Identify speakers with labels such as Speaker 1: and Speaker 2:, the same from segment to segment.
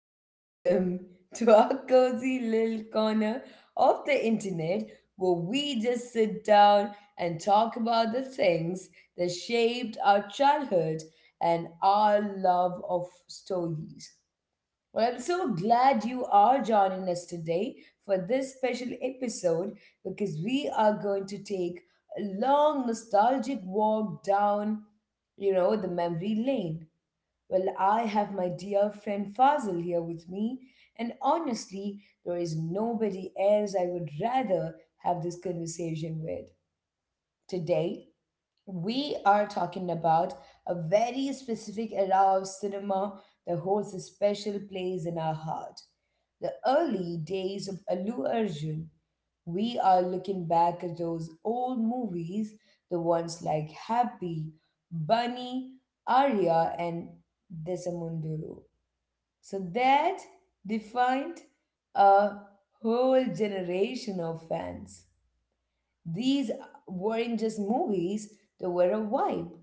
Speaker 1: welcome to our cozy little corner of the internet where we just sit down and talk about the things that shaped our childhood and our love of stories. Well, I'm so glad you are joining us today for this special episode because we are going to take a long nostalgic walk down, the memory lane well, I have my dear friend Fazil here with me, and honestly, there is nobody else I would rather have this conversation with. Today, we are talking about a very specific era of cinema that holds a special place in our heart. The early days of Allu Arjun, we are looking back at those old movies, the ones like Happy, Bunny, Arya, and Desamunduru. So that defined a whole generation of fans. These weren't just movies, they were a vibe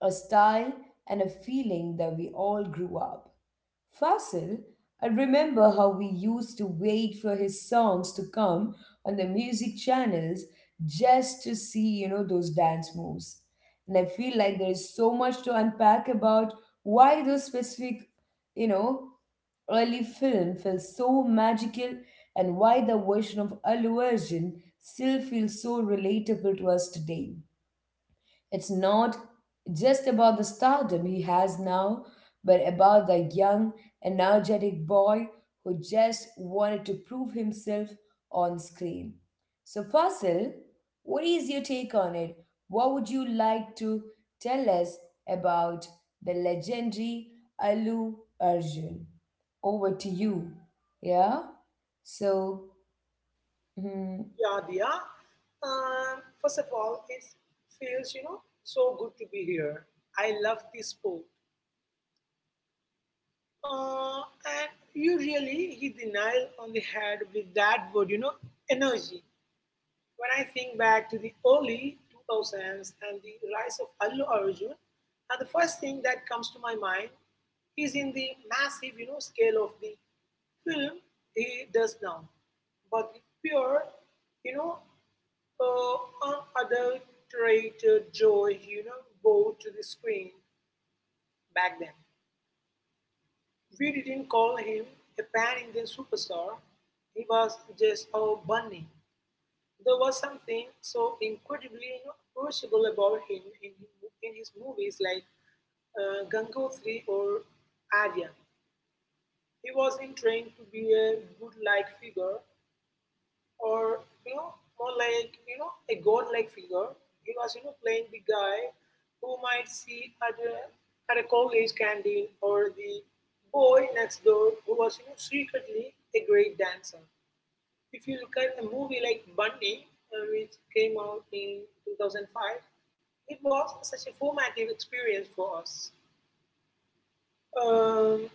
Speaker 1: a style, and a feeling that we all grew up. Fasil, I remember how we used to wait for his songs to come on the music channels just to see, those dance moves. And I feel like there is so much to unpack about why those specific, you know, early film felt so magical and why the version of Allu Arjun still feels so relatable to us today. It's not just about the stardom he has now, but about the young, energetic boy who just wanted to prove himself on screen. So, Fasil, what is your take on it? What would you like to tell us about the legendary Alu Arjun? Over to you. Yeah? So, hmm,
Speaker 2: Yeah, Diya. First of all, it feels, so good to be here. I love this sport. Uh, and you really hit the nail on the head with that word, energy. When I think back to the early 2000s and the rise of Allu Arjun, the first thing that comes to my mind is in the massive scale of the film he does now, but the pure, you know, unadulterated joy brought to the screen back then. We didn't call him a pan Indian superstar, he was just a bunny. There was something so incredibly approachable about him in his movies like Gangotri or Aryan. He wasn't trying to be a good-like figure or, more like, a god-like figure. He was, playing the guy who might see at at a college canteen or the boy next door who was, secretly a great dancer. If you look at a movie like Bunny, which came out in 2005, it was such a formative experience for us. Um,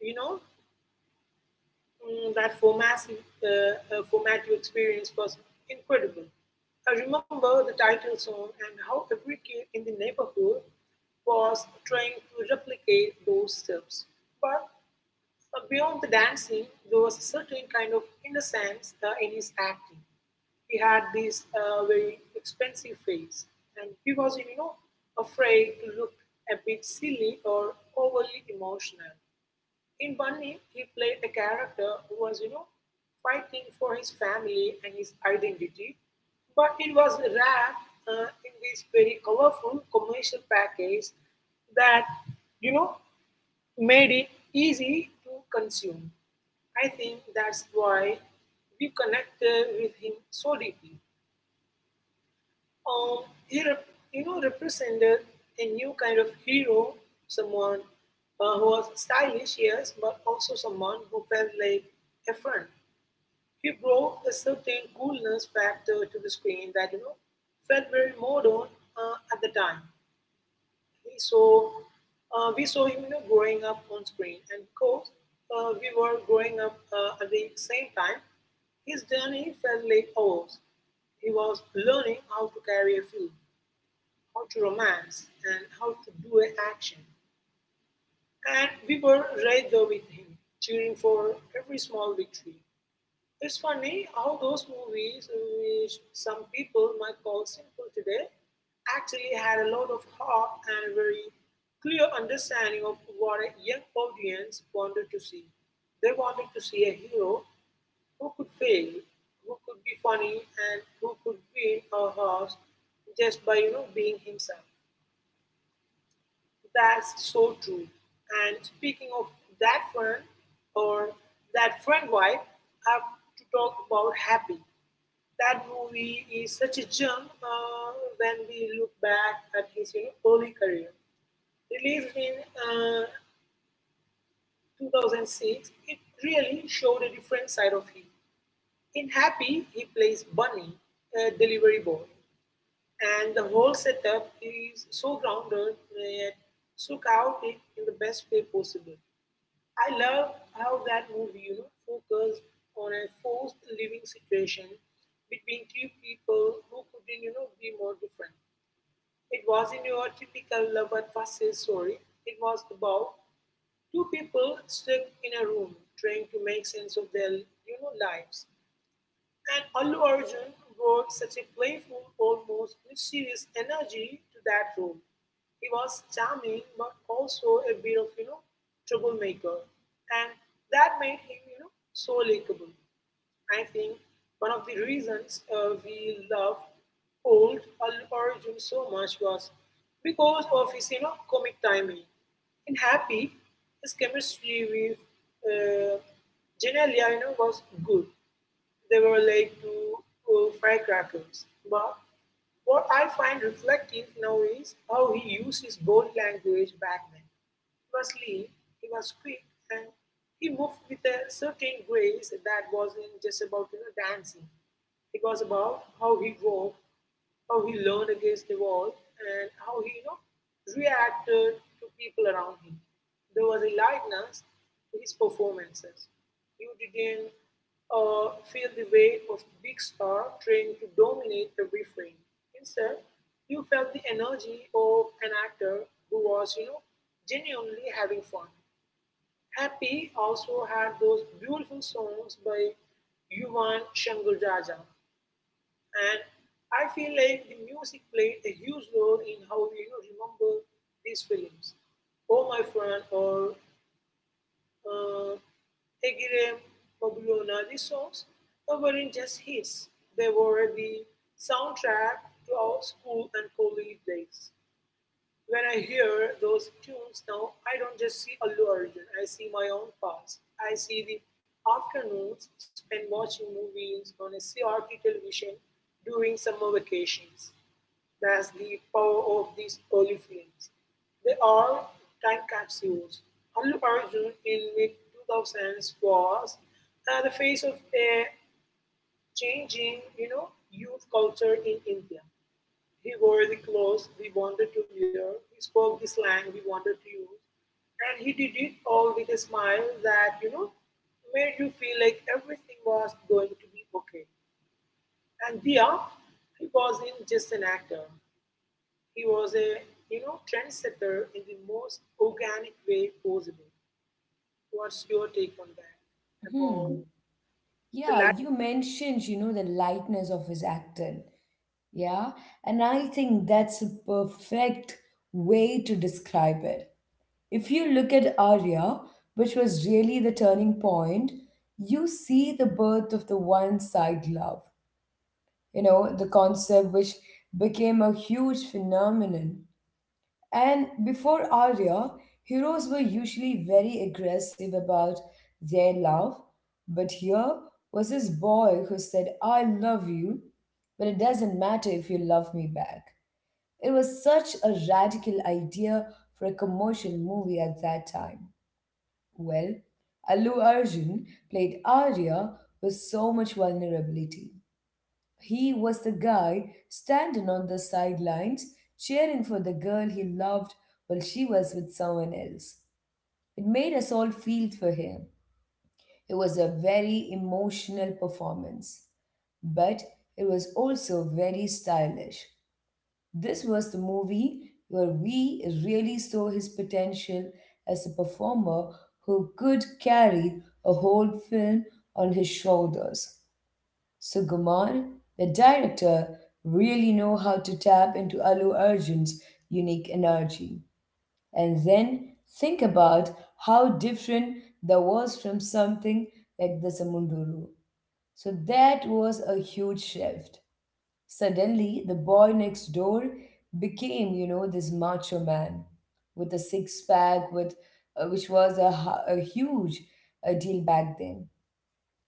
Speaker 2: you know, that formative experience was incredible. I remember the title song and how every kid in the neighborhood was trying to replicate those steps. But Beyond the dancing, there was a certain kind of innocence in his acting. He had this very expensive face, and he was, afraid to look a bit silly or overly emotional. In Bunny, he played a character who was, fighting for his family and his identity, but it was wrapped in this very colorful commercial package that, you know, made it easy to consume. I think that's why we connected with him so deeply. He represented a new kind of hero, someone who was stylish, yes, but also someone who felt like a friend. He brought a certain coolness factor to the screen that felt very modern at the time. We saw, we saw him growing up on screen, and of course, we were growing up at the same time. His journey felt like ours. He was learning how to carry a film, how to romance, and how to do an action. And we were right there with him, cheering for every small victory. It's funny how those movies, which some people might call simple today, actually had a lot of heart and a very clear understanding of what a young audience wanted to see. They wanted to see a hero who could fail, who could be funny, and who could win our hearts just by being himself. That's so true. And speaking of that friend or that friend wife, I have to talk about Happy. That movie is such a gem when we look back at his early career. Released in 2006, it really showed a different side of him. In Happy, he plays Bunny, a delivery boy, and the whole setup is so grounded yet so chaotic in the best way possible. I love how that movie, focused on a forced living situation between two people who couldn't, be more different. It wasn't your typical love at first sight story. It was about two people stuck in a room trying to make sense of their lives. And Allu Arjun brought such a playful, almost mischievous energy to that room. He was charming, but also a bit of troublemaker, and that made him so likable. I think one of the reasons we love old Al Arjun so much was because of his comic timing. In Happy, his chemistry with uh, Genelia was good, they were like two firecrackers. But what I find reflective now is how he used his body language back then. He was lean, he was quick, and he moved with a certain grace that wasn't just about dancing. It was about how he walked, how he learned against the wall, and how he reacted to people around him. There was a lightness to his performances. You didn't feel the weight of a big star trying to dominate every frame. Instead, you felt the energy of an actor who was, genuinely having fun. Happy also had those beautiful songs by Yuvan Shankar Raja, and I feel like the music played a huge role in how we remember these films. Oh My Friend or uh, Egire Mabulona, these songs weren't just hits. They were the soundtrack to our school and college days. When I hear those tunes now, I don't just see Allu Arjun, I see my own past. I see the afternoons spent watching movies on a CRT television during summer vacations. That's the power of these early films. They are time capsules. Allu Arjun in mid 2000s was the face of a changing, youth culture in India. He wore the clothes we wanted to wear, he spoke the slang we wanted to use, and he did it all with a smile that, made you feel like everything was going to be okay. And Dia, he wasn't just an actor. He was a, trendsetter in the most organic way possible. What's your take on that? About
Speaker 1: hmm. Yeah,
Speaker 2: the.
Speaker 1: you mentioned, the lightness of his acting. Yeah, and I think that's a perfect way to describe it. If you look at Arya, which was really the turning point, you see the birth of the one side love, the concept which became a huge phenomenon. And before Arya, heroes were usually very aggressive about their love, but here was this boy who said, I love you, but it doesn't matter if you love me back. It was such a radical idea for a commercial movie at that time. Well, Allu Arjun played Arya with so much vulnerability. He was the guy standing on the sidelines cheering for the girl he loved while she was with someone else. It made us all feel for him. It was a very emotional performance, but it was also very stylish. This was the movie where we really saw his potential as a performer who could carry a whole film on his shoulders. So Suguman, the director, really know how to tap into Alu Arjun's unique energy. And then think about how different that was from something like the Samunduru. So that was a huge shift. Suddenly, the boy next door became, this macho man with a six pack, with which was a, huge deal back then.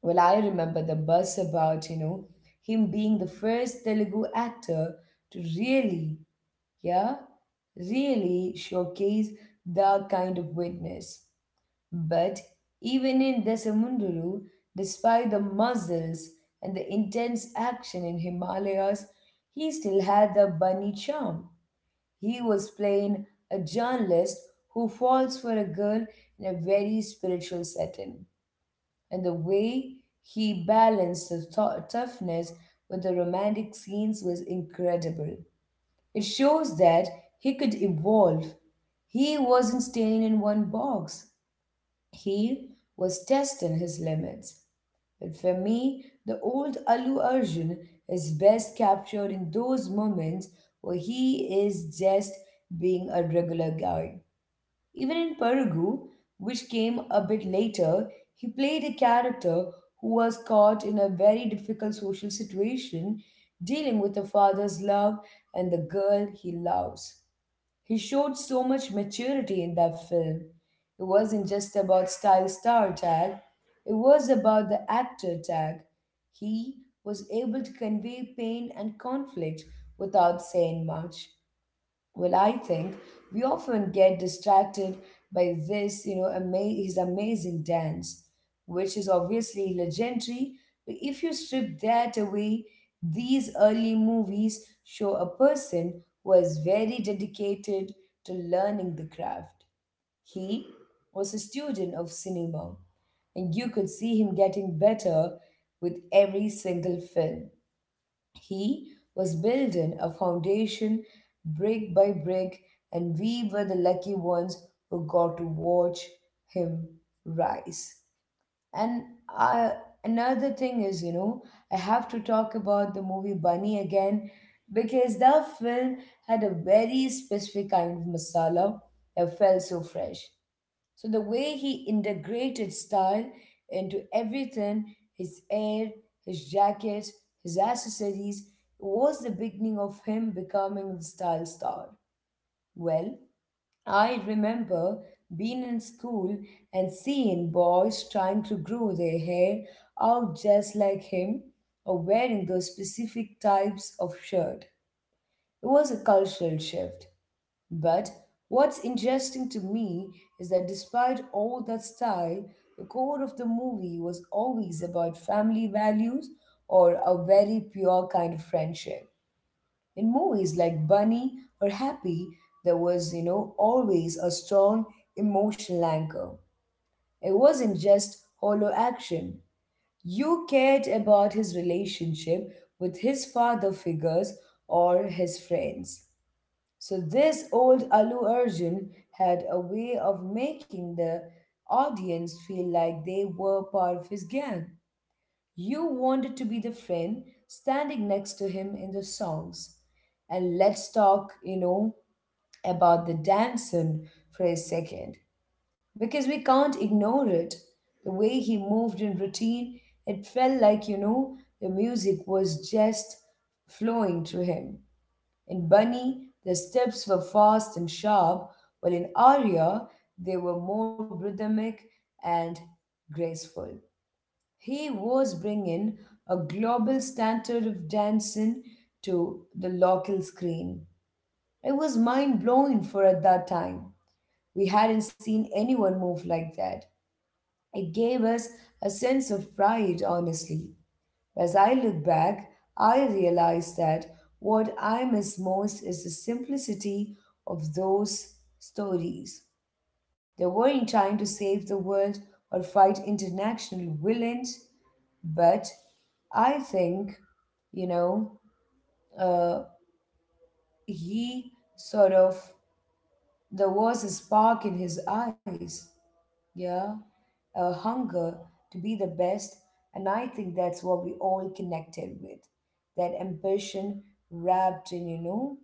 Speaker 1: Well, I remember the buzz about, him being the first Telugu actor to really, yeah, really showcase that kind of witness. But even in Desamunduru, despite the muscles and the intense action in Himalayas, he still had the bunny charm. He was playing a journalist who falls for a girl in a very spiritual setting. And the way he balanced the toughness with the romantic scenes was incredible. It shows that he could evolve. He wasn't staying in one box. He was testing his limits. But for me, the old Alu Arjun is best captured in those moments where he is just being a regular guy. Even in Perugu, which came a bit later, he played a character who was caught in a very difficult social situation, dealing with a father's love and the girl he loves. He showed so much maturity in that film. It wasn't just about style star tag, it was about the actor tag. He was able to convey pain and conflict without saying much. Well, I think we often get distracted by this, his amazing dance, which is obviously legendary. But if you strip that away, these early movies show a person who was very dedicated to learning the craft. He was a student of cinema, and you could see him getting better with every single film. He was building a foundation brick by brick, and we were the lucky ones who got to watch him rise. And uh, another thing is, I have to talk about the movie Bunny again because that film had a very specific kind of masala that felt so fresh. So the way he integrated style into everything, his hair, his jackets, his accessories, was the beginning of him becoming the style star. Well, I remember being in school and seeing boys trying to grow their hair out just like him or wearing those specific types of shirt. It was a cultural shift but what's interesting to me is that despite all that style, the core of the movie was always about family values or a very pure kind of friendship. In movies like Bunny or Happy, there was, always a strong emotional anchor. It wasn't just hollow action. You cared about his relationship with his father figures or his friends. So this old Alu Arjun had a way of making the audience feel like they were part of his gang. You wanted to be the friend standing next to him in the songs. And let's talk, about the dancing for a second. Because we can't ignore it. The way he moved in routine, it felt like, the music was just flowing through him. In Bunny, the steps were fast and sharp, while in Arya, they were more rhythmic and graceful. He was bringing a global standard of dancing to the local screen. It was mind blowing for at that time. We hadn't seen anyone move like that. It gave us a sense of pride, honestly. As I look back, I realize that what I miss most is the simplicity of those stories. They weren't trying to save the world or fight international villains, but I think, you know, uh, he sort of, there was a spark in his eyes yeah, a hunger to be the best. And I think that's what we all connected with that ambition wrapped in,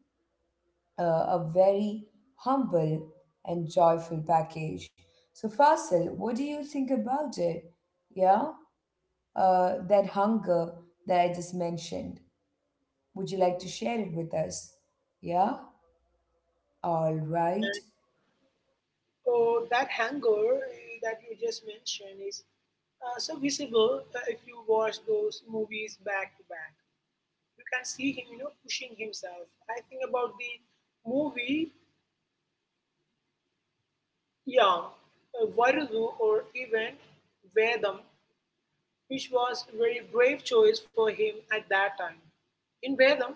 Speaker 1: uh, a very humble and joyful package. So, Fasil, what do you think about it? Yeah, that hunger that I just mentioned. Would you like to share it with us? Yeah, all right.
Speaker 2: Or that hunger that you just mentioned is so visible if you watch those movies back to back. You can see him, pushing himself. I think about the movie Yam, Varudu, or even Vedam, which was a very brave choice for him at that time. In Vedam,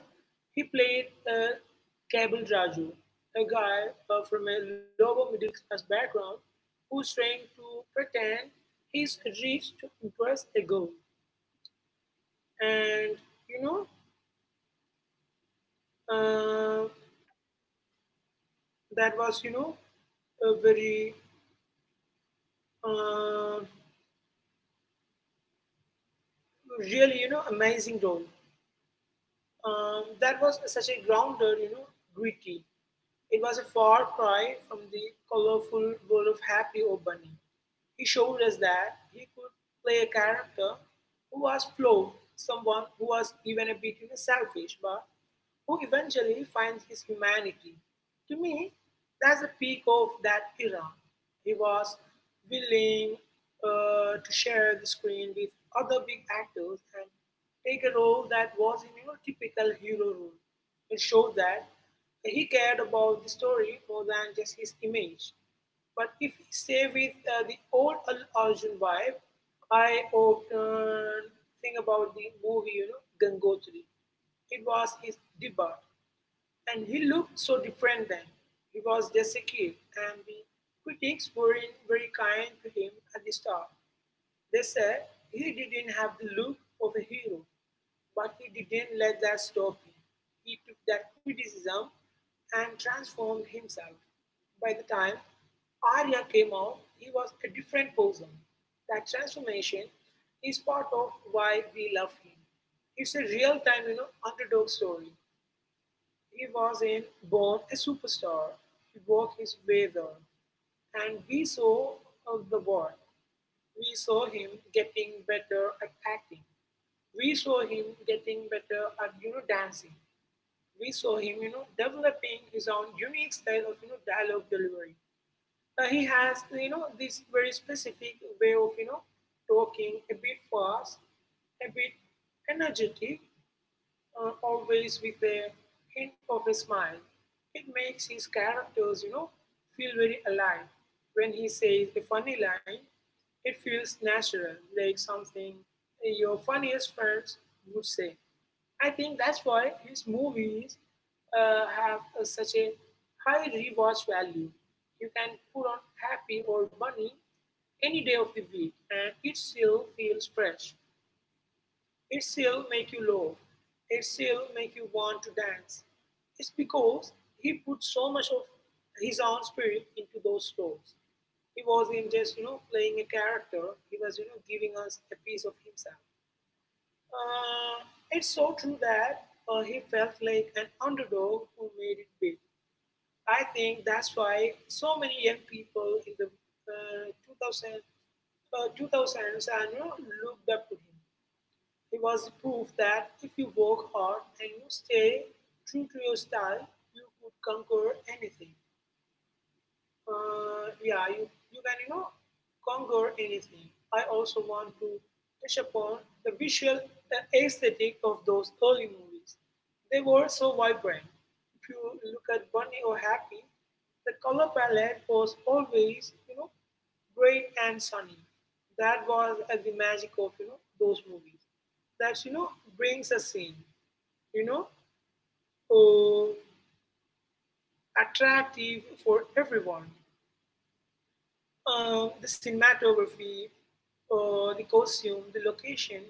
Speaker 2: he played Kabal Raju, a guy from a lower middle class background who's trying to pretend he's rich to impress a girl. And you know, uh, that was a very uh, really amazing role. That was such a grounded gritty. It was a far cry from the colorful world of Happy or Bunny. He showed us that he could play a character who was flawed, someone who was even a bit selfish, but who eventually finds his humanity. To me, that's the peak of that era. He was willing to share the screen with other big actors and take a role that was in typical hero role. It showed that he cared about the story more than just his image. But if we stay with the old Al Arjun vibe, I often think about the movie, Gangotri. It was his debut, and he looked so different then. He was just a kid, and the critics were in very kind to him at the start. They say he didn't have the look of a hero, but he didn't let that stop him. He took that criticism and transformed himself. By the time Arya came out, he was a different person. That transformation is part of why we love him. It's a real time, underdog story. He was in born a superstar. He walked his way there, and we saw the world. We saw him getting better at acting. We saw him getting better at dancing. We saw him developing his own unique style of dialogue delivery. He has this very specific way of talking a bit fast, a bit energetic, always with a hint of a smile. It makes his characters, feel very alive. When he says a funny line, it feels natural, like something your funniest friends would say. I think that's why his movies have such a high rewatch value. You can put on Happy or Bunny any day of the week, and it still feels fresh. It still make you laugh, it still make you want to dance. It's because he put so much of his own spirit into those roles. He wasn't just, playing a character. He was, giving us a piece of himself. Uh, it's so true that he felt like an underdog who made it big. I think that's why so many young people in the 2000s and looked up to him. He was the proof that if you work hard and you stay true to your style, you could conquer anything. Yeah, you can, conquer anything. I also want to touch upon the visual aesthetic of those early movies. They were so vibrant. If you look at Bunny or Happy, the color palette was always, bright and sunny. That was the magic of, those movies. That, brings a scene you know, uh, attractive for everyone the cinematography, the costume, the location,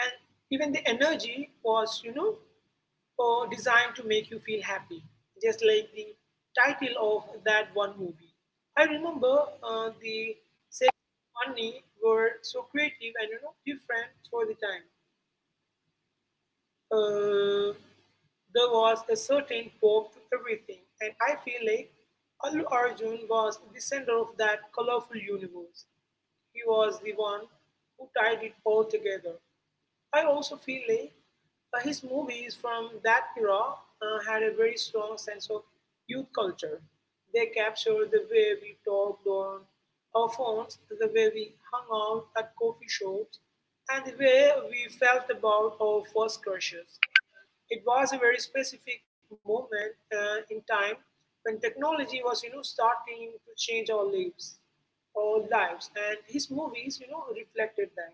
Speaker 2: and even the energy was, designed to make you feel happy, just like the title of that one movie. I remember the set money were so creative and different for the time. Uh, there was a certain pop to everything, and I feel like Allu Arjun was the center of that colorful universe. He was the one who tied it all together. I also feel like his movies from that era had a very strong sense of youth culture. They captured the way we talked on our phones, the way we hung out at coffee shops, and the way we felt about our first crushes. It was a very specific moment in time when technology was, starting to change our lives, and his movies, reflected that.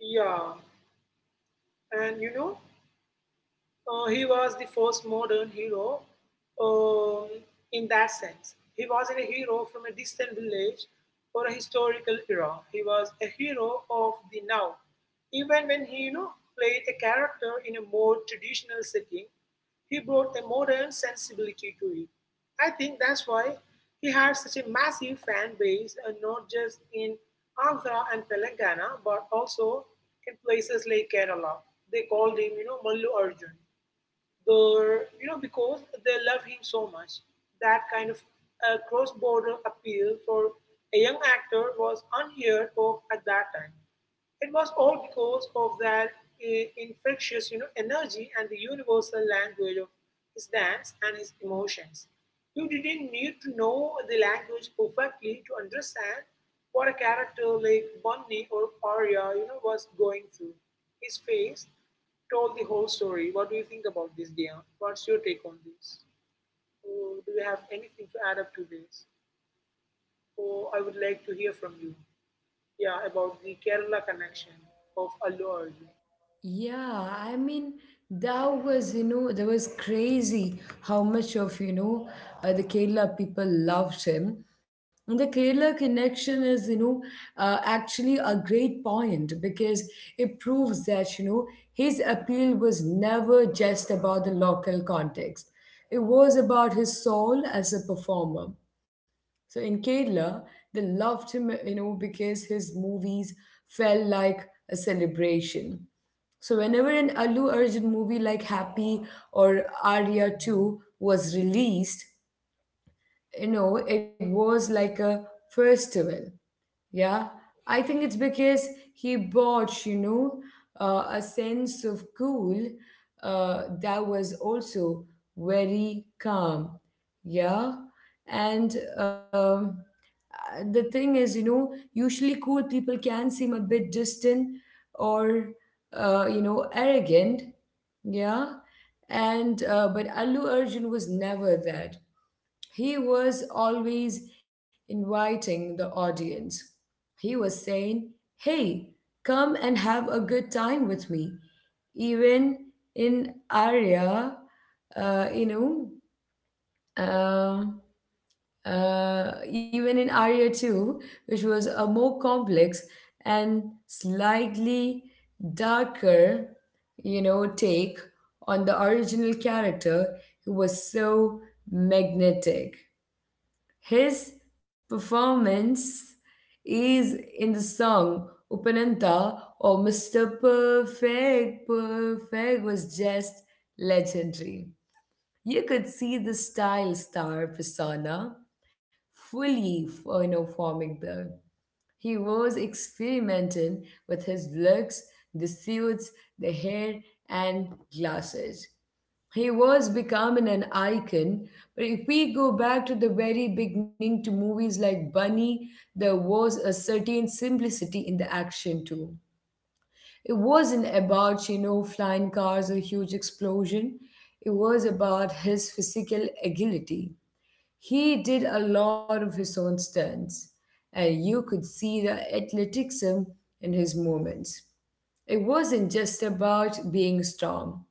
Speaker 2: Yeah, and he was the first modern hero um, in that sense. He wasn't a hero from a distant village or a historical era. He was a hero of the now. Even when he, played a character in a more traditional setting, he brought a modern sensibility to it. I think that's why he had such a massive fan base, and not just in Andhra and Telangana, but also in places like Kerala. They called him, Mallu Arjun. They're, because they love him so much, that kind of cross-border appeal for a young actor was unheard of at that time. It was all because of that infectious, energy and the universal language of his dance and his emotions. You didn't need to know the language perfectly to understand what a character like Bunny or Arya, was going through. His face told the whole story. What do you think about this, Dia? What's your take on this? Or do you have anything to add up to this? Or I would like to hear from you. Yeah, about the Kerala connection of Allu Arjun.
Speaker 1: Yeah, I mean that was that was crazy how much of the Kerala people loved him. And the Kerala connection is actually a great point because it proves that his appeal was never just about the local context. It was about his soul as a performer. So in Kerala, they loved him, because his movies felt like a celebration. So whenever an Allu Arjun movie like Happy or Arya 2 was released, it was like a festival. Yeah, I think it's because he brought, a sense of cool that was also very calm. Yeah, and the thing is, usually cool people can seem a bit distant or, arrogant. Yeah, and but Allu Arjun was never that. He was always inviting the audience. He was saying, Hey, come and have a good time with me. Even in Arya, uh, you know, uh, even in Arya 2, which was a more complex and slightly darker, take on the original character who was so magnetic. His performance is in the song Upananta or Mr. Perfect was just legendary. You could see the style star persona fully, forming there. He was experimenting with his looks, the suits, the hair, and glasses. He was becoming an icon, but if we go back to the very beginning to movies like Bunny, there was a certain simplicity in the action too. It wasn't about, flying cars or huge explosion. It was about his physical agility. He did a lot of his own stunts, and you could see the athleticism in his movements. It wasn't just about being strong,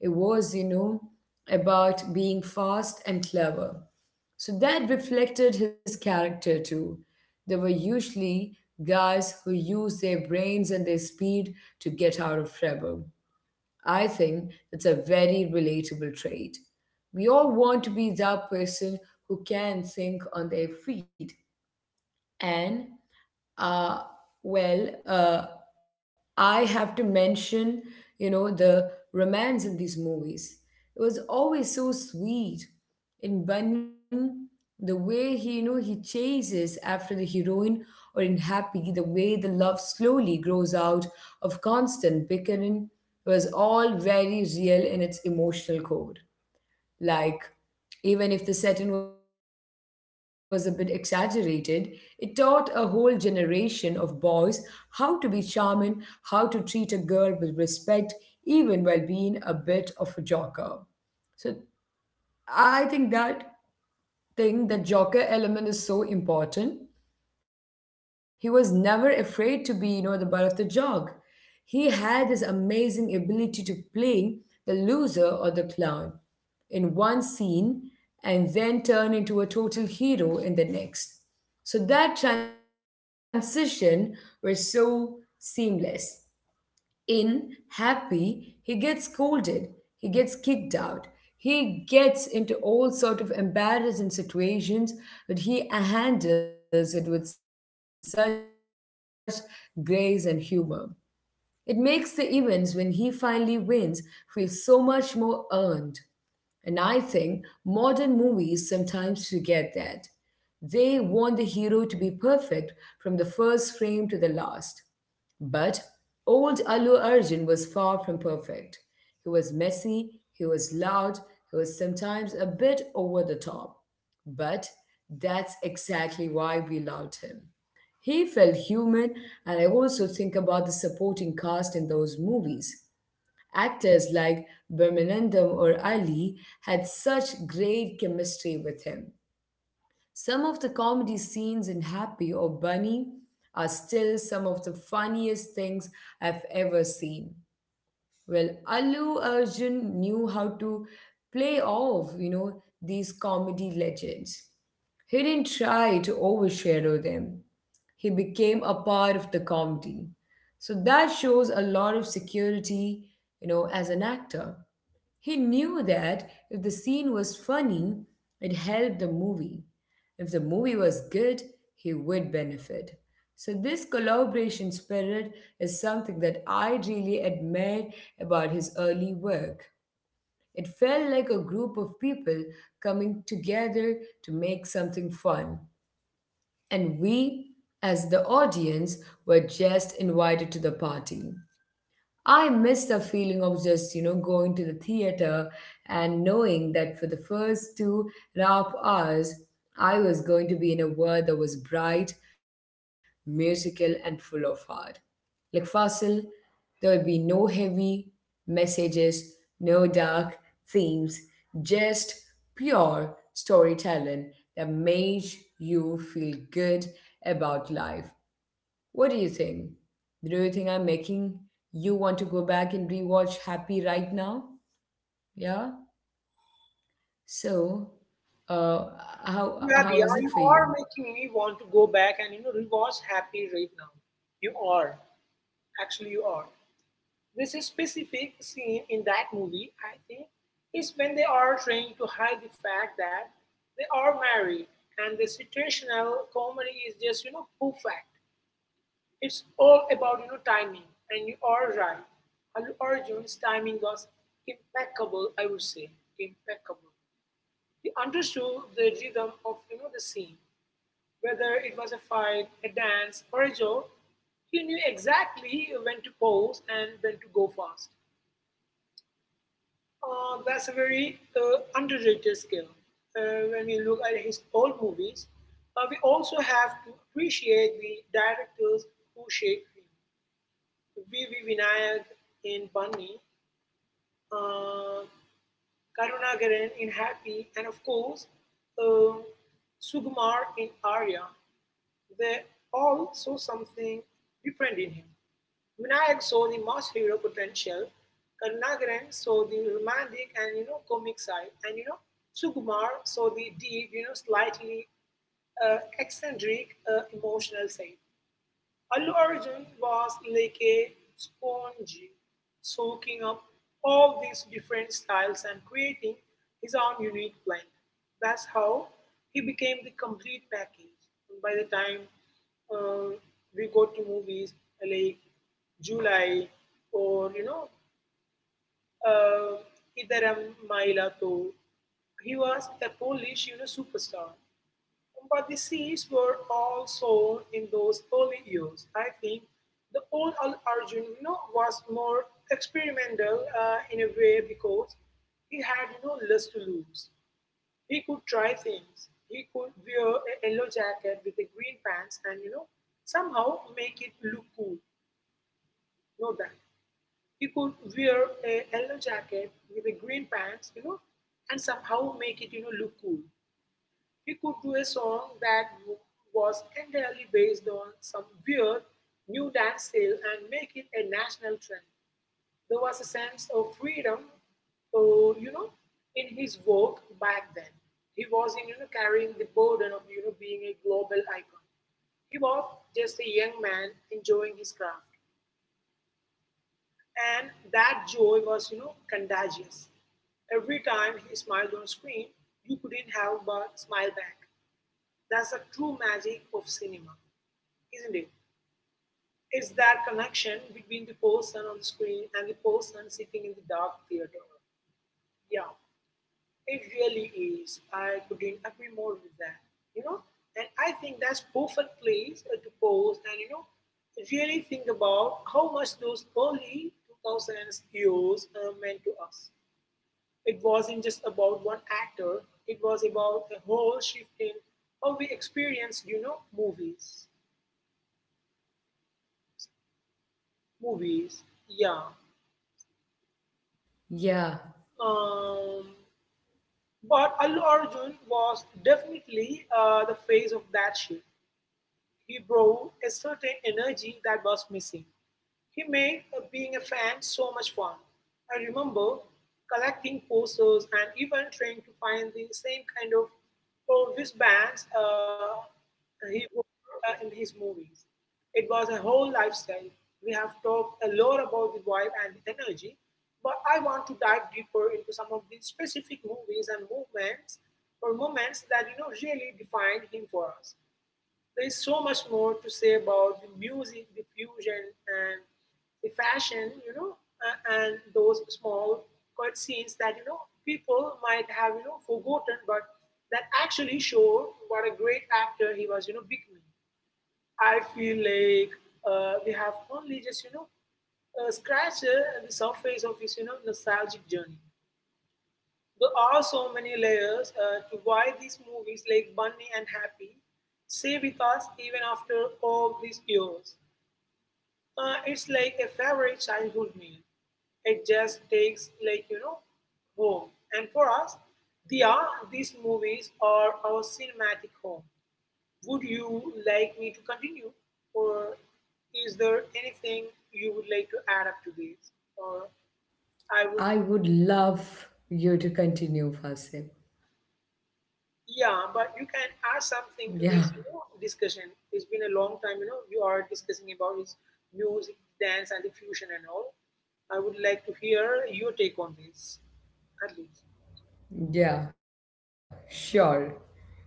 Speaker 1: it was, about being fast and clever. So that reflected his character too. They were usually guys who used their brains and their speed to get out of trouble. I think it's a very relatable trait. We all want to be that person who can think on their feet. And uh, well, uh, I have to mention, the romance in these movies. It was always so sweet. In Bunny, the way he, he chases after the heroine, or in Happy, the way the love slowly grows out of constant bickering was all very real in its emotional core. Like, even if the setting was a bit exaggerated, it taught a whole generation of boys how to be charming, how to treat a girl with respect, even while being a bit of a joker. So I think that thing, that joker element is so important. He was never afraid to be, you know, the butt of the joke. He had this amazing ability to play the loser or the clown in one scene and then turn into a total hero in the next. So that transition was so seamless. In Happy, he gets scolded, he gets kicked out, he gets into all sort of embarrassing situations, but he handles it with such grace and humor. It makes the events when he finally wins feel so much more earned. And I think modern movies sometimes forget that. They want the hero to be perfect from the first frame to the last. But old Allu Arjun was far from perfect. He was messy, he was loud, he was sometimes a bit over the top. But that's exactly why we loved him. He felt human, and I also think about the supporting cast in those movies. Actors like Birmanandam or Ali had such great chemistry with him. Some of the comedy scenes in Happy or Bunny are still some of the funniest things I've ever seen. Well, Allu Arjun knew how to play off, you know, these comedy legends. He didn't try to overshadow them. He became a part of the comedy. So that shows a lot of security, you know, as an actor. He knew that if the scene was funny, it helped the movie. If the movie was good, he would benefit. So, this collaboration spirit is something that I really admire about his early work. It felt like a group of people coming together to make something fun. And we, as the audience, were just invited to the party. I miss the feeling of just, you know, going to the theater and knowing that for the first 2.5 hours, I was going to be in a world that was bright, musical, and full of heart. Like Fasil, there would be no heavy messages, no dark themes, just pure storytelling that made you feel good about life. What do you think? Do you think I'm making you want to go back and rewatch Happy right now? Yeah? So, uh,
Speaker 2: Yeah,
Speaker 1: how
Speaker 2: Dia,
Speaker 1: is it
Speaker 2: you
Speaker 1: for
Speaker 2: are
Speaker 1: you?
Speaker 2: making me want to go back and rewatch Happy right now. You are. Actually, you are. This a specific scene in that movie, I think, is when they are trying to hide the fact that they are married and the situational comedy is just, perfect. It's all about timing, and you are right. Allu Arjun's timing was impeccable. I would say impeccable. He understood the rhythm of the scene, whether it was a fight, a dance, or a joke. He knew exactly when to pause and when to go fast. That's a very underrated skill. When we look at his old movies, we also have to appreciate the directors who shaped him. V.V. Vinayak in Bunny, uh, Karunagaran in Happy, and of course, uh, Sukumar in Arya, they all saw something different in him. Vinayak saw the mass hero potential, Karunagaran saw the romantic and comic side, and Sugumar saw the deep, slightly eccentric emotional side. Allu Arjun was like a sponge soaking up all these different styles and creating his own unique blend. That's how he became the complete package. And by the time uh, we go to movies like July or, uh, Idaram Maila Tho, he was a Polish, superstar. But the seeds were all sown in those early years. I think the old Al Arjun was more experimental in a way because he had less to lose. He could try things. He could wear a yellow jacket with the green pants and somehow make it look cool. Know that he could wear a yellow jacket with the green pants, and somehow make it look cool. He could do a song that was entirely based on some weird new dance style and make it a national trend. There was a sense of freedom, uh, you know, in his work back then. He was, in, carrying the burden of, being a global icon. He was just a young man enjoying his craft. And that joy was, contagious. Every time he smiled on screen, you couldn't help but smile back. That's the true magic of cinema, isn't it? It's that connection between the person on the screen and the person sitting in the dark theater. Yeah, it really is. I couldn't agree more with that. You know, and I think that's perfect place to pause and really think about how much those early 2000s years meant to us. It wasn't just about one actor; it was about the whole shift in how we experienced, movies. Movies, yeah.
Speaker 1: Yeah,
Speaker 2: Um, but Allu Arjun was definitely the face of that shift. He brought a certain energy that was missing. He made being a fan so much fun. I remember collecting posters and even trying to find the same kind of old wristbands he wore in his movies. It was a whole lifestyle. We have talked a lot about the vibe and the energy, but I want to dive deeper into some of the specific movies and movements or moments that really defined him for us. There is so much more to say about the music, the fusion, and the fashion, and those small cut scenes that, people might have, forgotten, but that actually show what a great actor he was, becoming. I feel like we have only just, scratched the surface of his, nostalgic journey. There are so many layers to why these movies like Bunny and Happy stay with us even after all these years. It's like a favorite childhood meal. It just takes like home. And for us, they are these movies are our cinematic home. Would you like me to continue, or is there anything you would like to add up to this, or I would.
Speaker 1: I would love you to continue, Fasil.
Speaker 2: Yeah, but you can add something to
Speaker 1: Yeah,
Speaker 2: this, discussion. It's been a long time, you are discussing about is music, dance, and the fusion and all. I would like to hear your take on this, at least.
Speaker 1: yeah, sure.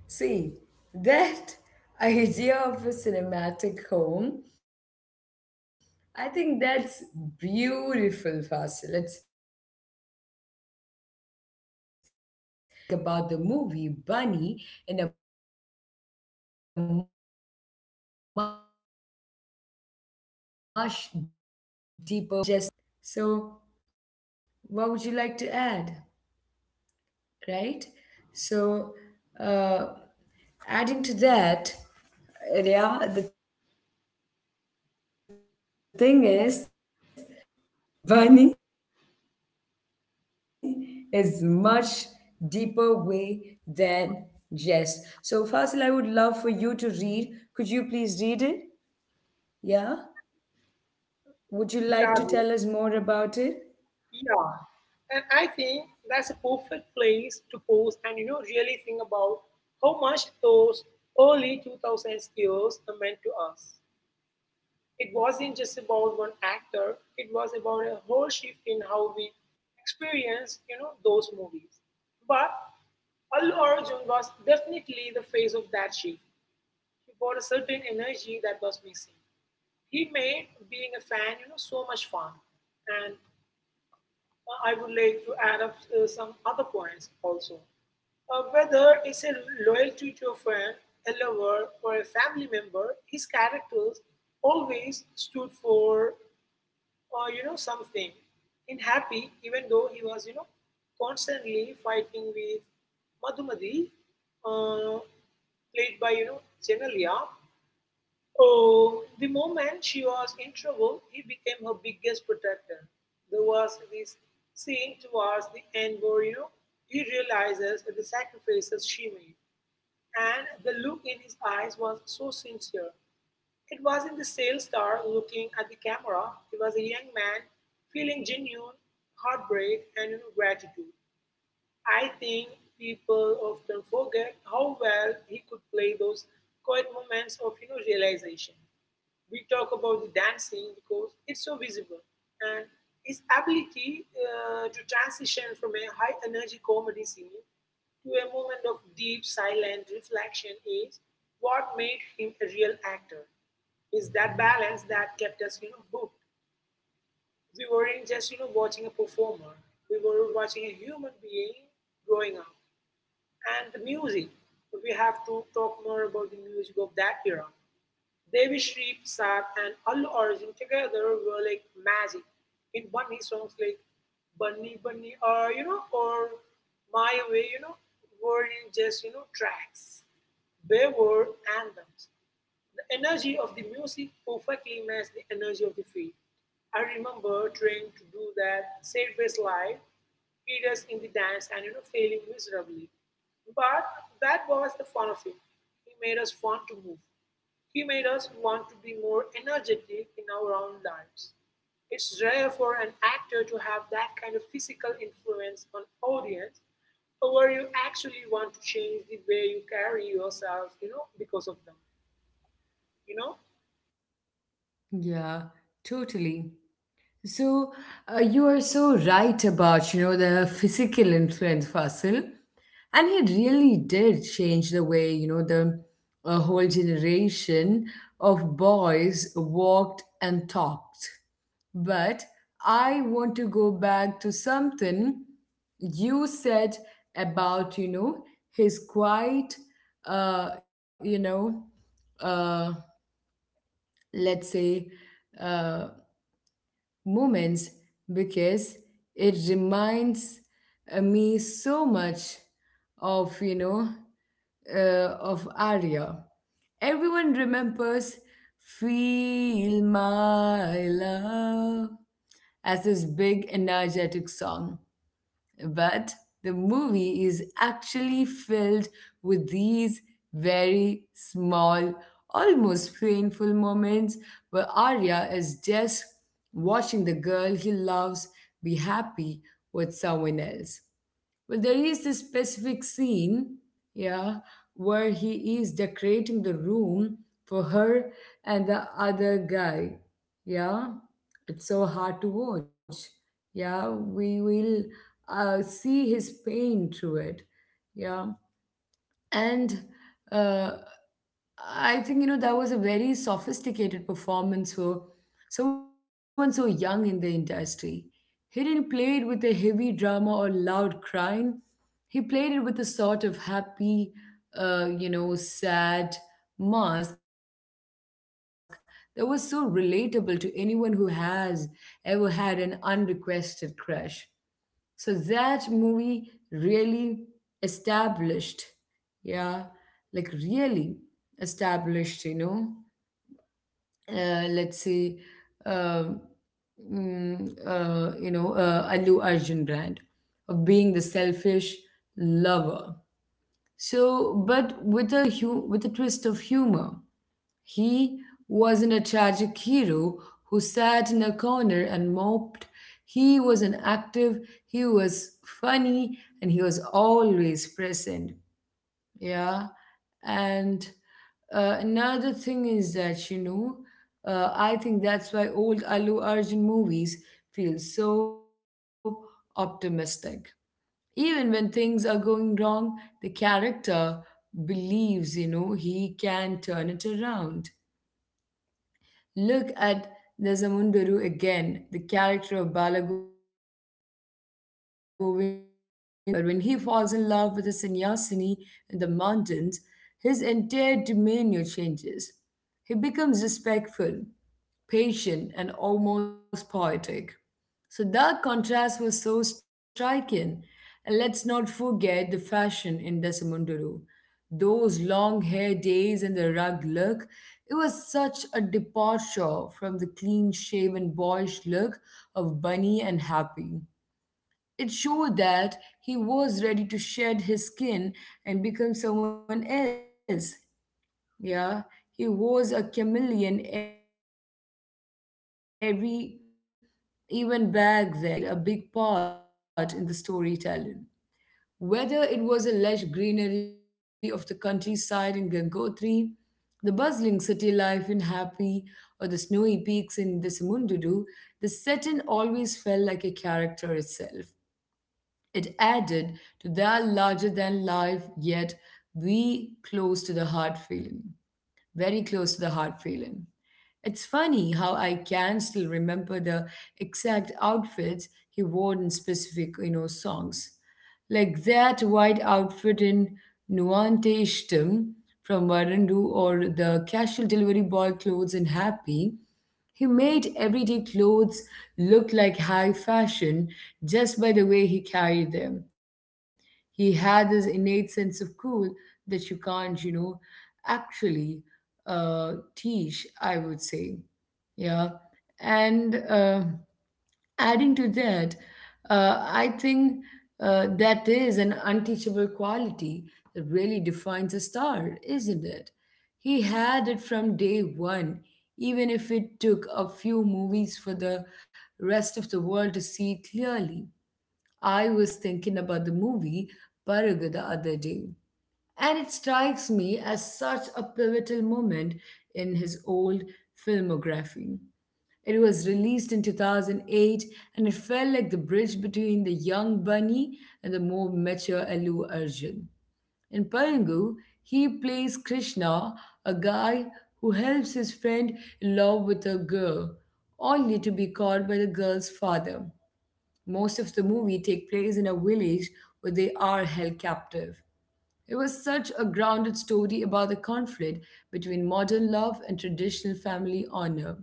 Speaker 1: See, that idea of a cinematic home, I think that's beautiful, Fasil. It's beautiful. And it really makes me think about the movie Bunny in a much deeper way than, you know, than just the action. Yeah, right? So, what would you like to add? Right? So, uh, adding to that, yeah, the thing is that, you know, Bunny is much deeper way than jest. So Fasil, I would love for you to read. Could you please read it? Yeah. Would you
Speaker 2: Yeah,
Speaker 1: like to
Speaker 2: dear.
Speaker 1: tell us more about it?
Speaker 2: Yeah. And I think that's a perfect place to pause and, really think about how much those early 2000s years meant to us. It wasn't just about one actor, it was about a whole shift in how we experience, those movies. But Allu Arjun was definitely the face of that shift. He brought a certain energy that was missing. He made being a fan, so much fun. And I would like to add up some other points also. Whether it's a loyalty to a friend, a lover, or a family member, his characters always stood for or something in happy even though he was constantly fighting with madhumati uh, played by Genelia. Oh, the moment she was in trouble, he became her biggest protector. There was this scene towards the end where he realizes the sacrifices she made, and the look in his eyes was so sincere. It wasn't the sales star looking at the camera; it was a young man feeling genuine heartbreak and gratitude. I think people often forget how well he could play those quiet moments of realization. We talk about the dancing because it's so visible, and his ability to transition from a high energy comedy scene to a moment of deep silent reflection is what made him a real actor. Is that balance that kept us hooked? We weren't just watching a performer; we were watching a human being growing up. And the music, we have to talk more about the music of that era. Devi Shri Prasad and Allu Arjun together were like magic. In Bunny songs like Bunny Bunny or My Way, weren't just tracks. They were anthems. The energy of the music perfectly matched the energy of the feet. I remember trying to do that sideways slide periods in the dance and failing miserably. But that was the fun of it. He made us want to move. He made us want to be more energetic in our own lives. It's rare for an actor to have that kind of physical influence on audience where you actually want to change the way you carry yourself, because of them. You know?
Speaker 1: Yeah, totally. So you are so right about, you know, the physical influence, Fasil. And he really did change the way, you know, the a whole generation of boys walked and talked. But I want to go back to something you said about, you know, his quiet, uh, you know, uh, let's say, uh, moments because it reminds me so much of, you know, uh, of Arya. Everyone remembers Feel My Love as his big energetic song. But the movie is actually filled with these very small, almost painful moments where Arya is just watching the girl he loves be happy with someone else. Well, there is this specific scene, yeah, where he is decorating the room for her and the other guy. Yeah, it's so hard to watch. Yeah, we will see his pain through it. Yeah, and uh, I think, you know, that was a very sophisticated performance for someone so young in the industry. He didn't play it with a heavy drama or loud crying. He played it with a sort of happy, you know, sad mask that was so relatable to anyone who has ever had an unrequested crush. So that movie really established, yeah, like really established, you know, let's say, um mm, you know, Allu Arjun brand of being the selfish lover. So, but with a with a twist of humor. He wasn't a tragic hero who sat in a corner and moped. He was an active, he was funny, and he was always present. Yeah. And another thing is that, you know, I think that's why old Allu Arjun movies feel so optimistic. Even when things are going wrong, the character believes, you know, he can turn it around. Look at Nazamundaru again. The character of Balagovind is a reckless, hot headed journalist, but when he falls in love with a sannyasini in the mountains, his entire demeanor changes. He becomes respectful, patient, and almost poetic. So that contrast was so striking. And let's not forget the fashion in Desamunduru. Those long hair days and the rugged look, it was such a departure from the clean shaven boyish look of Bunny and Happy. It showed that he was ready to shed his skin and become someone else. Yeah, he was a chameleon every even back then. And I also think the location in his early movies played a big part in the storytelling. Whether it was the lush greenery of the countryside in Gangotri, the bustling city life in Happy, or the snowy peaks in Desamundudu, the setting always felt like a character itself. It added to that larger than life, yet be close to the heart feeling very close to the heart feeling. It's funny how I can still remember the exact outfits he wore in specific, you know, songs. Like that white outfit in Nuante Ishtam from Varandu or the casual delivery boy clothes in Happy he made everyday clothes look like high fashion just by the way he carried them. He had this innate sense of cool that you can't, you know, actually teach, I would say. Yeah. And adding to that, I think that is an unteachable quality that really defines a star, isn't it? He had it from day one, even if it took a few movies for the rest of the world to see clearly. I was thinking about the movie Paraga the other day. And it strikes me as such a pivotal moment in his old filmography. It was released in 2008 and it felt like the bridge between the young Bunny and the more mature Allu Arjun. In Payangu, he plays Krishna, a guy who helps his friend in love with a girl, only to be caught by the girl's father. Most of the movie take place in a village where they are held captive. It was such a grounded story about the conflict between modern love and traditional family honor.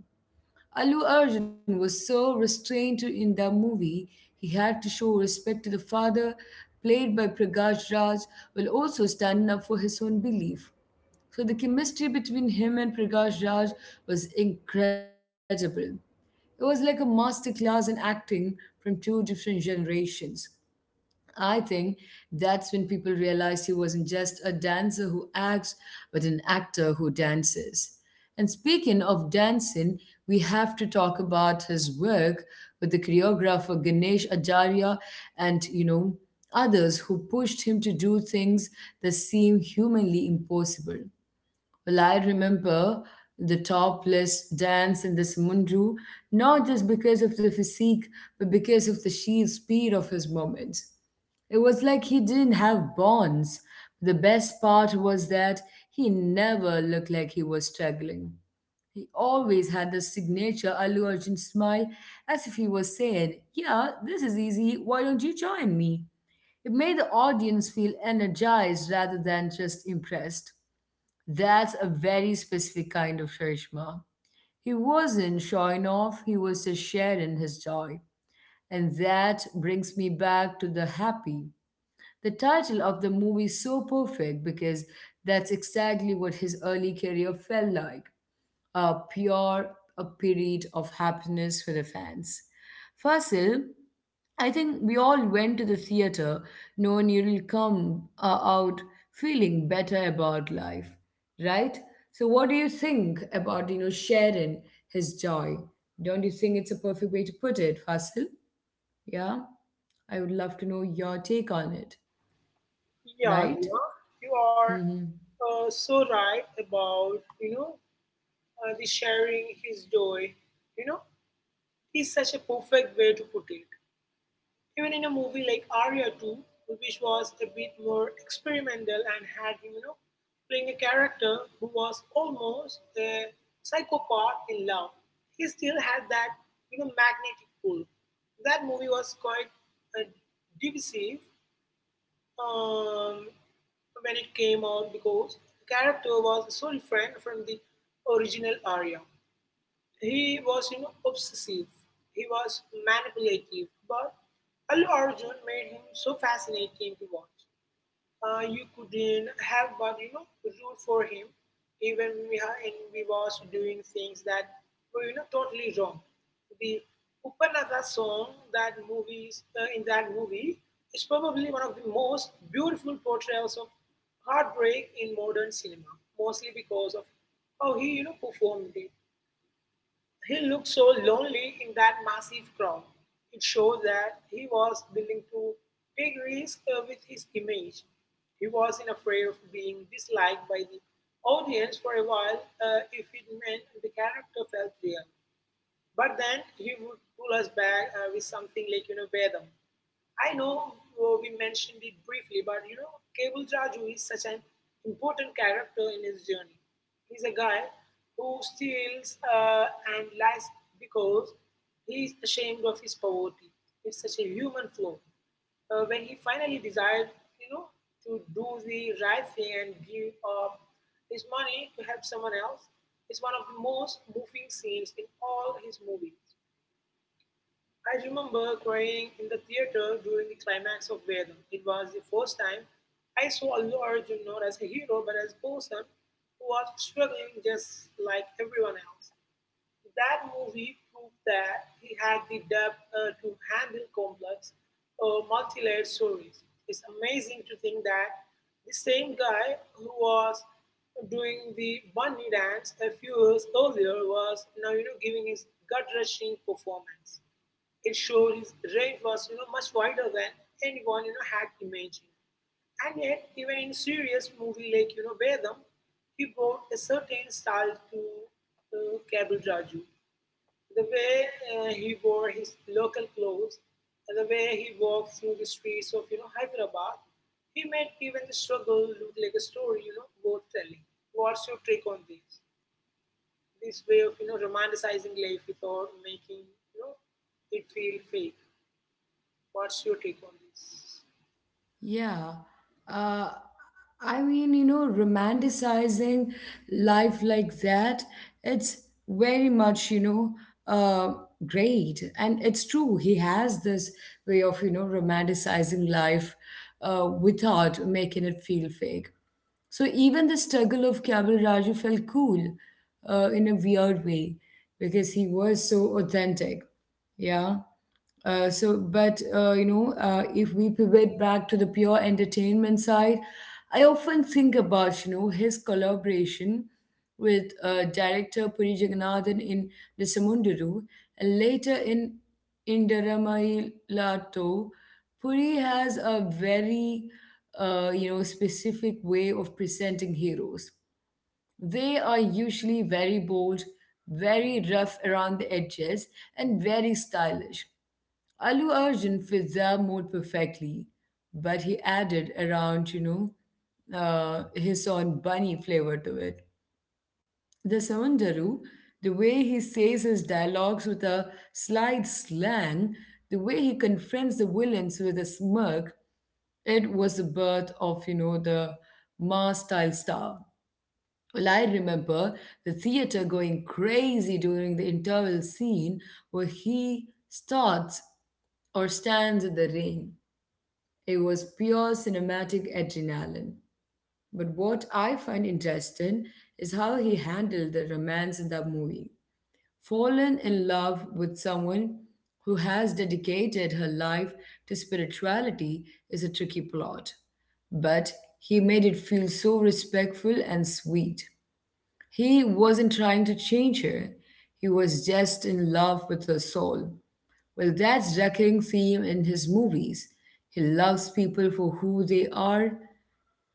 Speaker 1: Allu Arjun was so restrained in the movie, he had to show respect to the father, played by Prakash Raj, while also standing up for his own belief. So the chemistry between him and Prakash Raj was incredible. It was like a masterclass in acting from two different generations. I think that's when people realized he wasn't just a dancer who acts, but an actor who dances. And speaking of dancing, we have to talk about his work with the choreographer Ganesh Acharya and, you know, others who pushed him to do things that seem humanly impossible. Well, I remember the topless dance in the Samundu, not just because of the physique, but because of the sheer speed of his movements. It was like he didn't have bonds. The best part was that he never looked like he was struggling. He always had the signature Allu Arjun smile, as if he was saying, Yeah, this is easy, why don't you join me? It made the audience feel energized rather than just impressed. That's a very specific kind of Sharishma. He wasn't showing off, he was just sharing his joy. And that brings me back to the happy. The title of the movie is so perfect because that's exactly what his early career felt like a pure a period of happiness for the fans. Fasil, I think we all went to the theater knowing you'll come out feeling better about life, right? So, what do you think about you know sharing his joy? Don't you think it's a perfect way to put it, Fasil? Yeah, I would love to know your take on it,
Speaker 2: Yeah,
Speaker 1: right?
Speaker 2: Diya, you are
Speaker 1: Mm-hmm.
Speaker 2: so right about the sharing his joy. You know, is such a perfect way to put it. Even in a movie like Arya 2, which was a bit more experimental and had him, you know, playing a character who was almost a psychopath in love, he still had that magnetic pull. That movie was quite uh, divisive um, when it came out because the character was so different from the original Arya. He was, you know, obsessive. He was manipulative, but Allu Arjun made him so fascinating to watch, you couldn't help but root for him, even when we, ha- and we was doing things that were totally wrong. The Upanatha song that movies in that movie is probably one of the most beautiful portrayals of heartbreak in modern cinema, mostly because of how he performed it. He looked so lonely in that massive crowd. It showed that he was willing to take risks with his image. He wasn't afraid of being disliked by the audience for a while, if it meant the character felt real. But then he would pull us back with something like, you know, Vedam. I know, we mentioned it briefly, but you know, Cable Raju is such an important character in his journey. He's a guy who steals and lies because he's ashamed of his poverty. It's such a human flaw. When he finally decides, you know, to do the right thing and give up his money to help someone else, it's one of the most moving scenes in all his movies. I remember crying in the theater during the climax of Vedam. It was the first time I saw Allu Arjun not as a hero but as a person who was struggling just like everyone else. That movie proved that he had the depth, to handle complex, multi layered stories. It's amazing to think that the same guy who was doing the bunny dance a few years earlier was now giving his gut-wrenching performance. It showed his range was much wider than anyone had imagined. And yet, even in serious movie like Vedam, he brought a certain style to, Kabul Raju. The way he wore his local clothes, and the way he walked through the streets of Hyderabad, he made even the struggle look like a story worth telling. What's your take on this? This way of romanticizing life without making it feel fake. What's your take on this?
Speaker 1: Yeah. Uh, I mean, you know, romanticizing life like that, it's very much, you know, uh, great. And it's true, he has this way of, you know, romanticizing life without making it feel fake. So even the struggle of Kabul Raju felt cool in a weird way because he was so authentic. Yeah. But if we pivot back to the pure entertainment side, I often think about his collaboration with director Puri Jagannathan in Desamunduru and later in Indaramai Lato. Puri has a very specific way of presenting heroes. They are usually very bold, very rough around the edges, and very stylish. Alu Arjun fits their mood perfectly, but he added around, his own bunny flavor to it. The Samandaru, the way he says his dialogues with a slight slang, the way he confronts the villains with a smirk, it was the birth of, the Ma style star. Well, I remember the theater going crazy during the interval scene where he starts or stands in the rain. It was pure cinematic adrenaline. But what I find interesting is how he handled the romance in the movie. Fallen in love with someone who has dedicated her life to spirituality is a tricky plot, but he made it feel so respectful and sweet. He wasn't trying to change her. He was just in love with her soul. Well, that's recurring theme in his movies. He loves people for who they are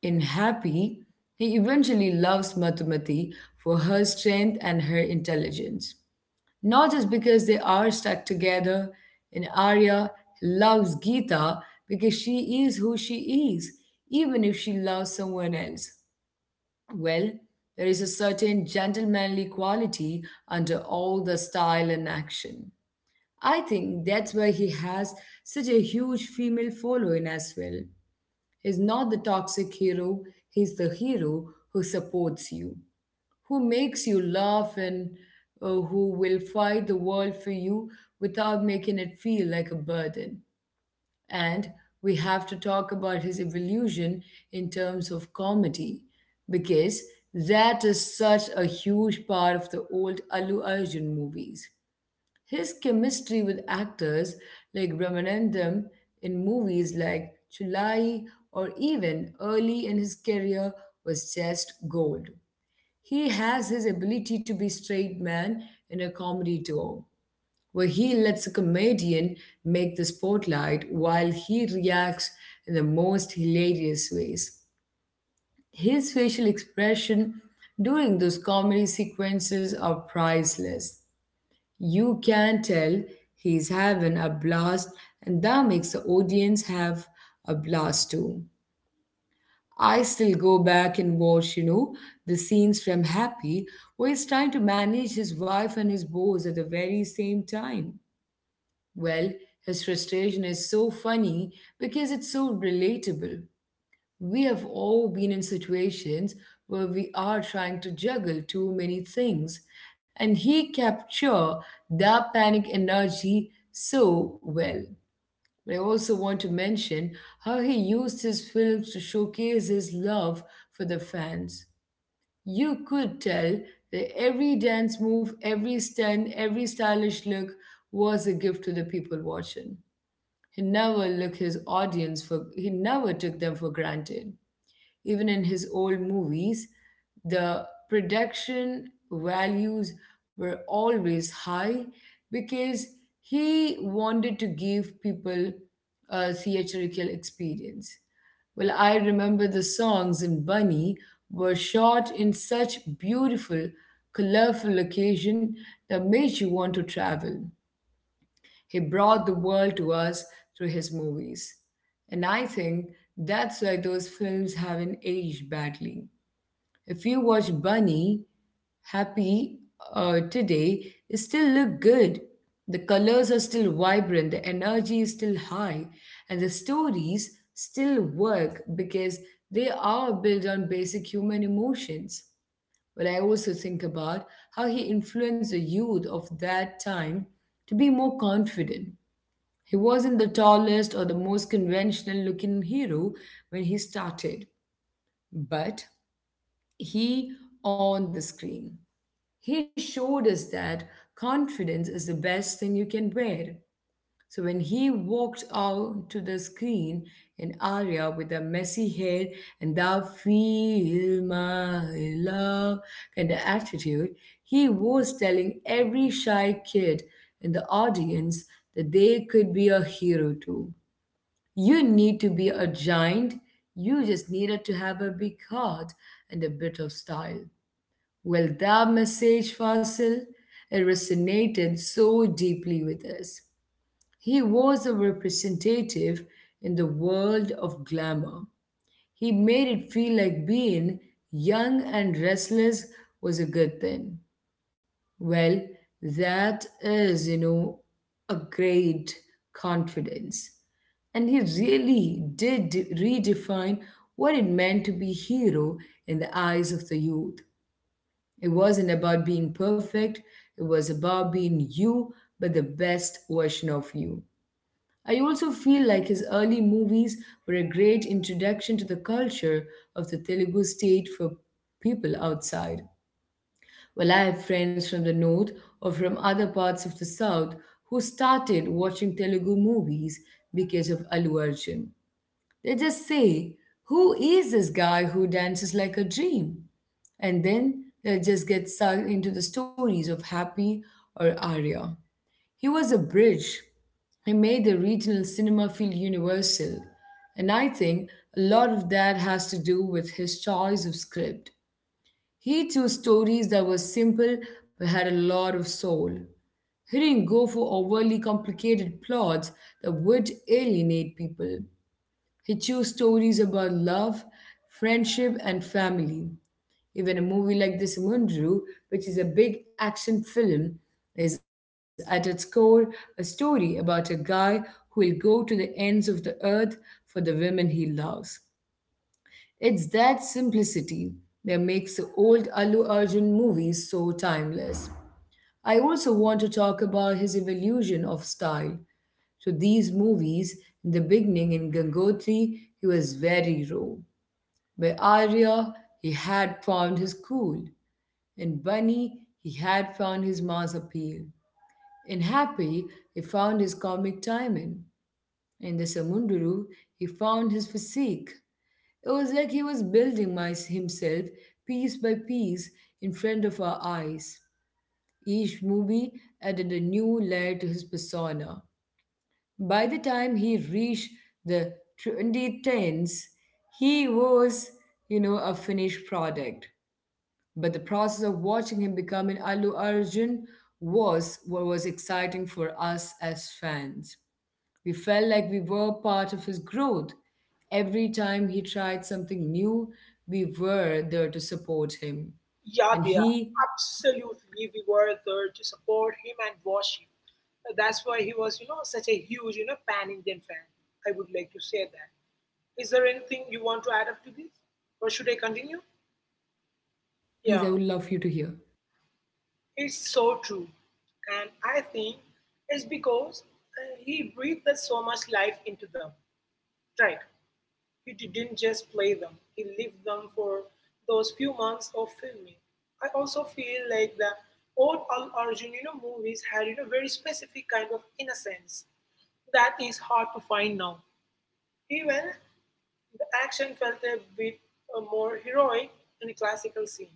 Speaker 1: in Happy. He eventually loves Matumati for her strength and her intelligence. Not just because they are stuck together. In Arya, he loves Gita because she is who she is, even if she loves someone else. Well, there is a certain gentlemanly quality under all the style and action. I think that's why he has such a huge female following as well. He's not the toxic hero, he's the hero who supports you, who makes you laugh, and who will fight the world for you without making it feel like a burden. And we have to talk about his evolution in terms of comedy, because that is such a huge part of the old Allu Arjun movies. His chemistry with actors like Ramanandam in movies like Chulai or even early in his career was just gold. He has his ability to be straight man in a comedy duo where he lets a comedian make the spotlight while he reacts in the most hilarious ways. His facial expression during those comedy sequences are priceless. You can tell he's having a blast, and that makes the audience have a blast too. I still go back and watch, the scenes from Happy where he's trying to manage his wife and his boss at the very same time. Well, his frustration is so funny because it's so relatable. We have all been in situations where we are trying to juggle too many things, and he captured that panic energy so well. But I also want to mention how he used his films to showcase his love for the fans. You could tell that every dance move, every stunt, every stylish look was a gift to the people watching. He never looked his audience for he never took them for granted. Even in his old movies, the production values were always high because he wanted to give people a theatrical experience. Well, I remember the songs in Bunny were shot in such beautiful, colorful location that made you want to travel. He brought the world to us through his movies. And I think that's why those films haven't aged badly. If you watch Bunny, Happy today, it still look good. The colors are still vibrant, the energy is still high, and the stories still work because they are built on basic human emotions. But I also think about how he influenced the youth of that time to be more confident. He wasn't the tallest or the most conventional looking hero when he started, but he on the screen. He showed us that confidence is the best thing you can wear. So when he walked out to the screen in Arya with the messy hair and the feel my love kind of attitude, he was telling every shy kid in the audience that they could be a hero too. You need to be a giant. You just needed to have a big heart and a bit of style. Well, that message, Fasil, it resonated so deeply with us. He was a representative in the world of glamour. He made it feel like being young and restless was a good thing. Well, that is, a great confidence. And he really did redefine what it meant to be hero in the eyes of the youth. It wasn't about being perfect, it was about being you, but the best version of you. I also feel like his early movies were a great introduction to the culture of the Telugu state for people outside. Well, I have friends from the north or from other parts of the south who started watching Telugu movies because of Allu Arjun. They just say, "Who is this guy who dances like a dream?" And then they'll just get sucked into the stories of Happy or Arya. He was a bridge. He made the regional cinema feel universal. And I think a lot of that has to do with his choice of script. He chose stories that were simple but had a lot of soul. He didn't go for overly complicated plots that would alienate people. He chose stories about love, friendship, and family. Even a movie like this Mundru, which is a big action film, is at its core a story about a guy who will go to the ends of the earth for the women he loves. It's that simplicity that makes the old Allu Arjun movies so timeless. I also want to talk about his evolution of style. So these movies, in the beginning in Gangotri, he was very raw. By Arya, he had found his cool. In Bunny, he had found his mass appeal. In Happy, he found his comic timing. In the Samunduru, he found his physique. It was like he was himself piece by piece in front of our eyes. Each movie added a new layer to his persona. By the time he reached the 2010s, he was, a finished product. But the process of watching him become an Allu Arjun was what was exciting for us as fans. We felt like we were part of his growth. Every time he tried something new, we were there to support him.
Speaker 2: Yeah,
Speaker 1: And
Speaker 2: they are.
Speaker 1: he,
Speaker 2: Absolutely. We were there to support him and watch him. That's why he was, you know, such a huge, you know, pan Indian fan. I would like to say that. Is there anything you want to add up to this? Or should I continue?
Speaker 1: please,
Speaker 2: Yeah,
Speaker 1: I would love you to hear.
Speaker 2: it's so true. And I think it's because he breathed so much life into them. Right. He didn't just play them, he lived them for those few months of filming. I also feel like the old Al Arjun, movies had, very specific kind of innocence that is hard to find now. Even the action felt a bit, more heroic in a classical scene,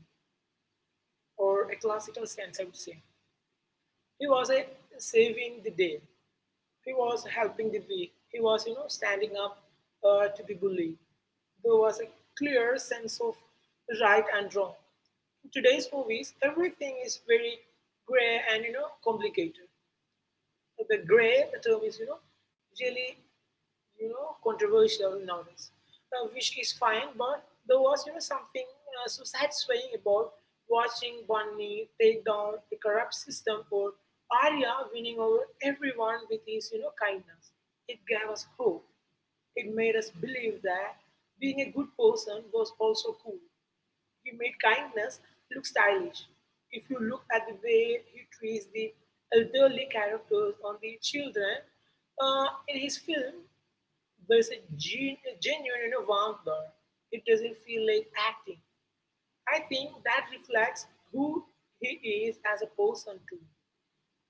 Speaker 2: or a classical sense, I would say. He was a saving the day. He was helping the weak. He was, you know, standing up to the bully. There was a clear sense of right and wrong. In today's movies, everything is very gray and, you know, complicated. So the grey the term is, you know, really, controversial nowadays, which is fine. But there was, you know, something so satisfying about watching Bunny take down a corrupt system or Arya winning over everyone with his, you know, kindness. It gave us hope. It made us believe that being a good person was also cool. He made kindness look stylish. If you look at the way he treats the elderly characters and the children in his film, there's a, genuine, you know, warmth there. It doesn't feel like acting. I think that reflects who he is as a person, too,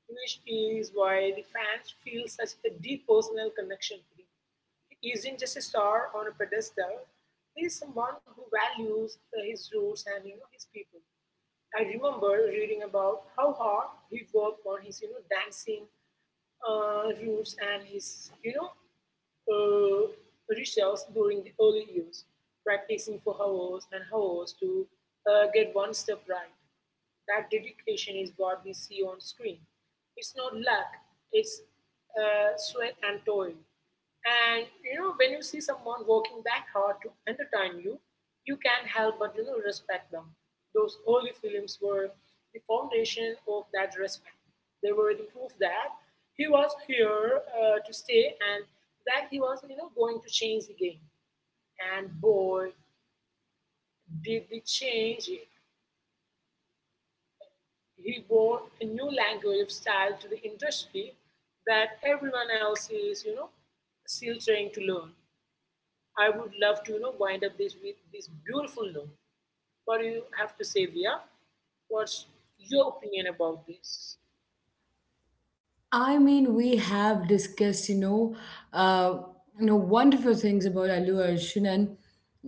Speaker 2: which is why the fans feel such a deep personal connection to him. He isn't just a star on a pedestal. He is someone who values his roots and his people. I remember reading about how hard he worked on his dancing roots and his uh, rituals during the early years, practicing for hours and hours to, get one step right. That dedication is what we see on screen. It's not luck, it's, sweat and toil. And you know, when you see someone working that hard to entertain you, you can't help but respect them. Those early films were the foundation of that respect. They were the proof that he was here, to stay and that he was going to change the game. And boy, did they change it! He brought a new language of style to the industry that everyone else is, you know, still trying to learn. I would love to, you know, wind up this with this beautiful note. What do you have to say, Via? What's your opinion about this?
Speaker 1: I mean, we have discussed, uh, wonderful things about Allu Arjun, and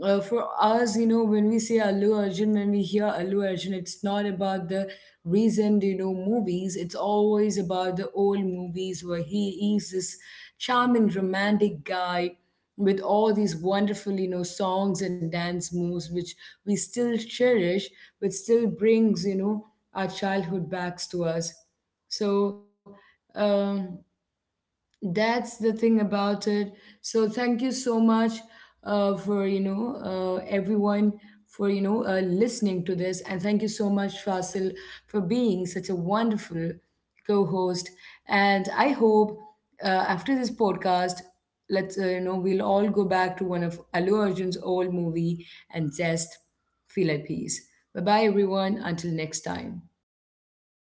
Speaker 1: for us, when we say Allu Arjun, when we hear Allu Arjun, it's not about the recent, movies. It's always about the old movies where he is this charming, romantic guy with all these wonderful, songs and dance moves, which we still cherish, but still brings, our childhood backs to us. So um, that's the thing about it. So thank you so much for everyone for listening to this, and thank you so much Fasil for being such a wonderful co-host. And I hope after this podcast, let's, we'll all go back to one of Alu Arjun's old movie and just feel at peace. Bye bye everyone. Until next time.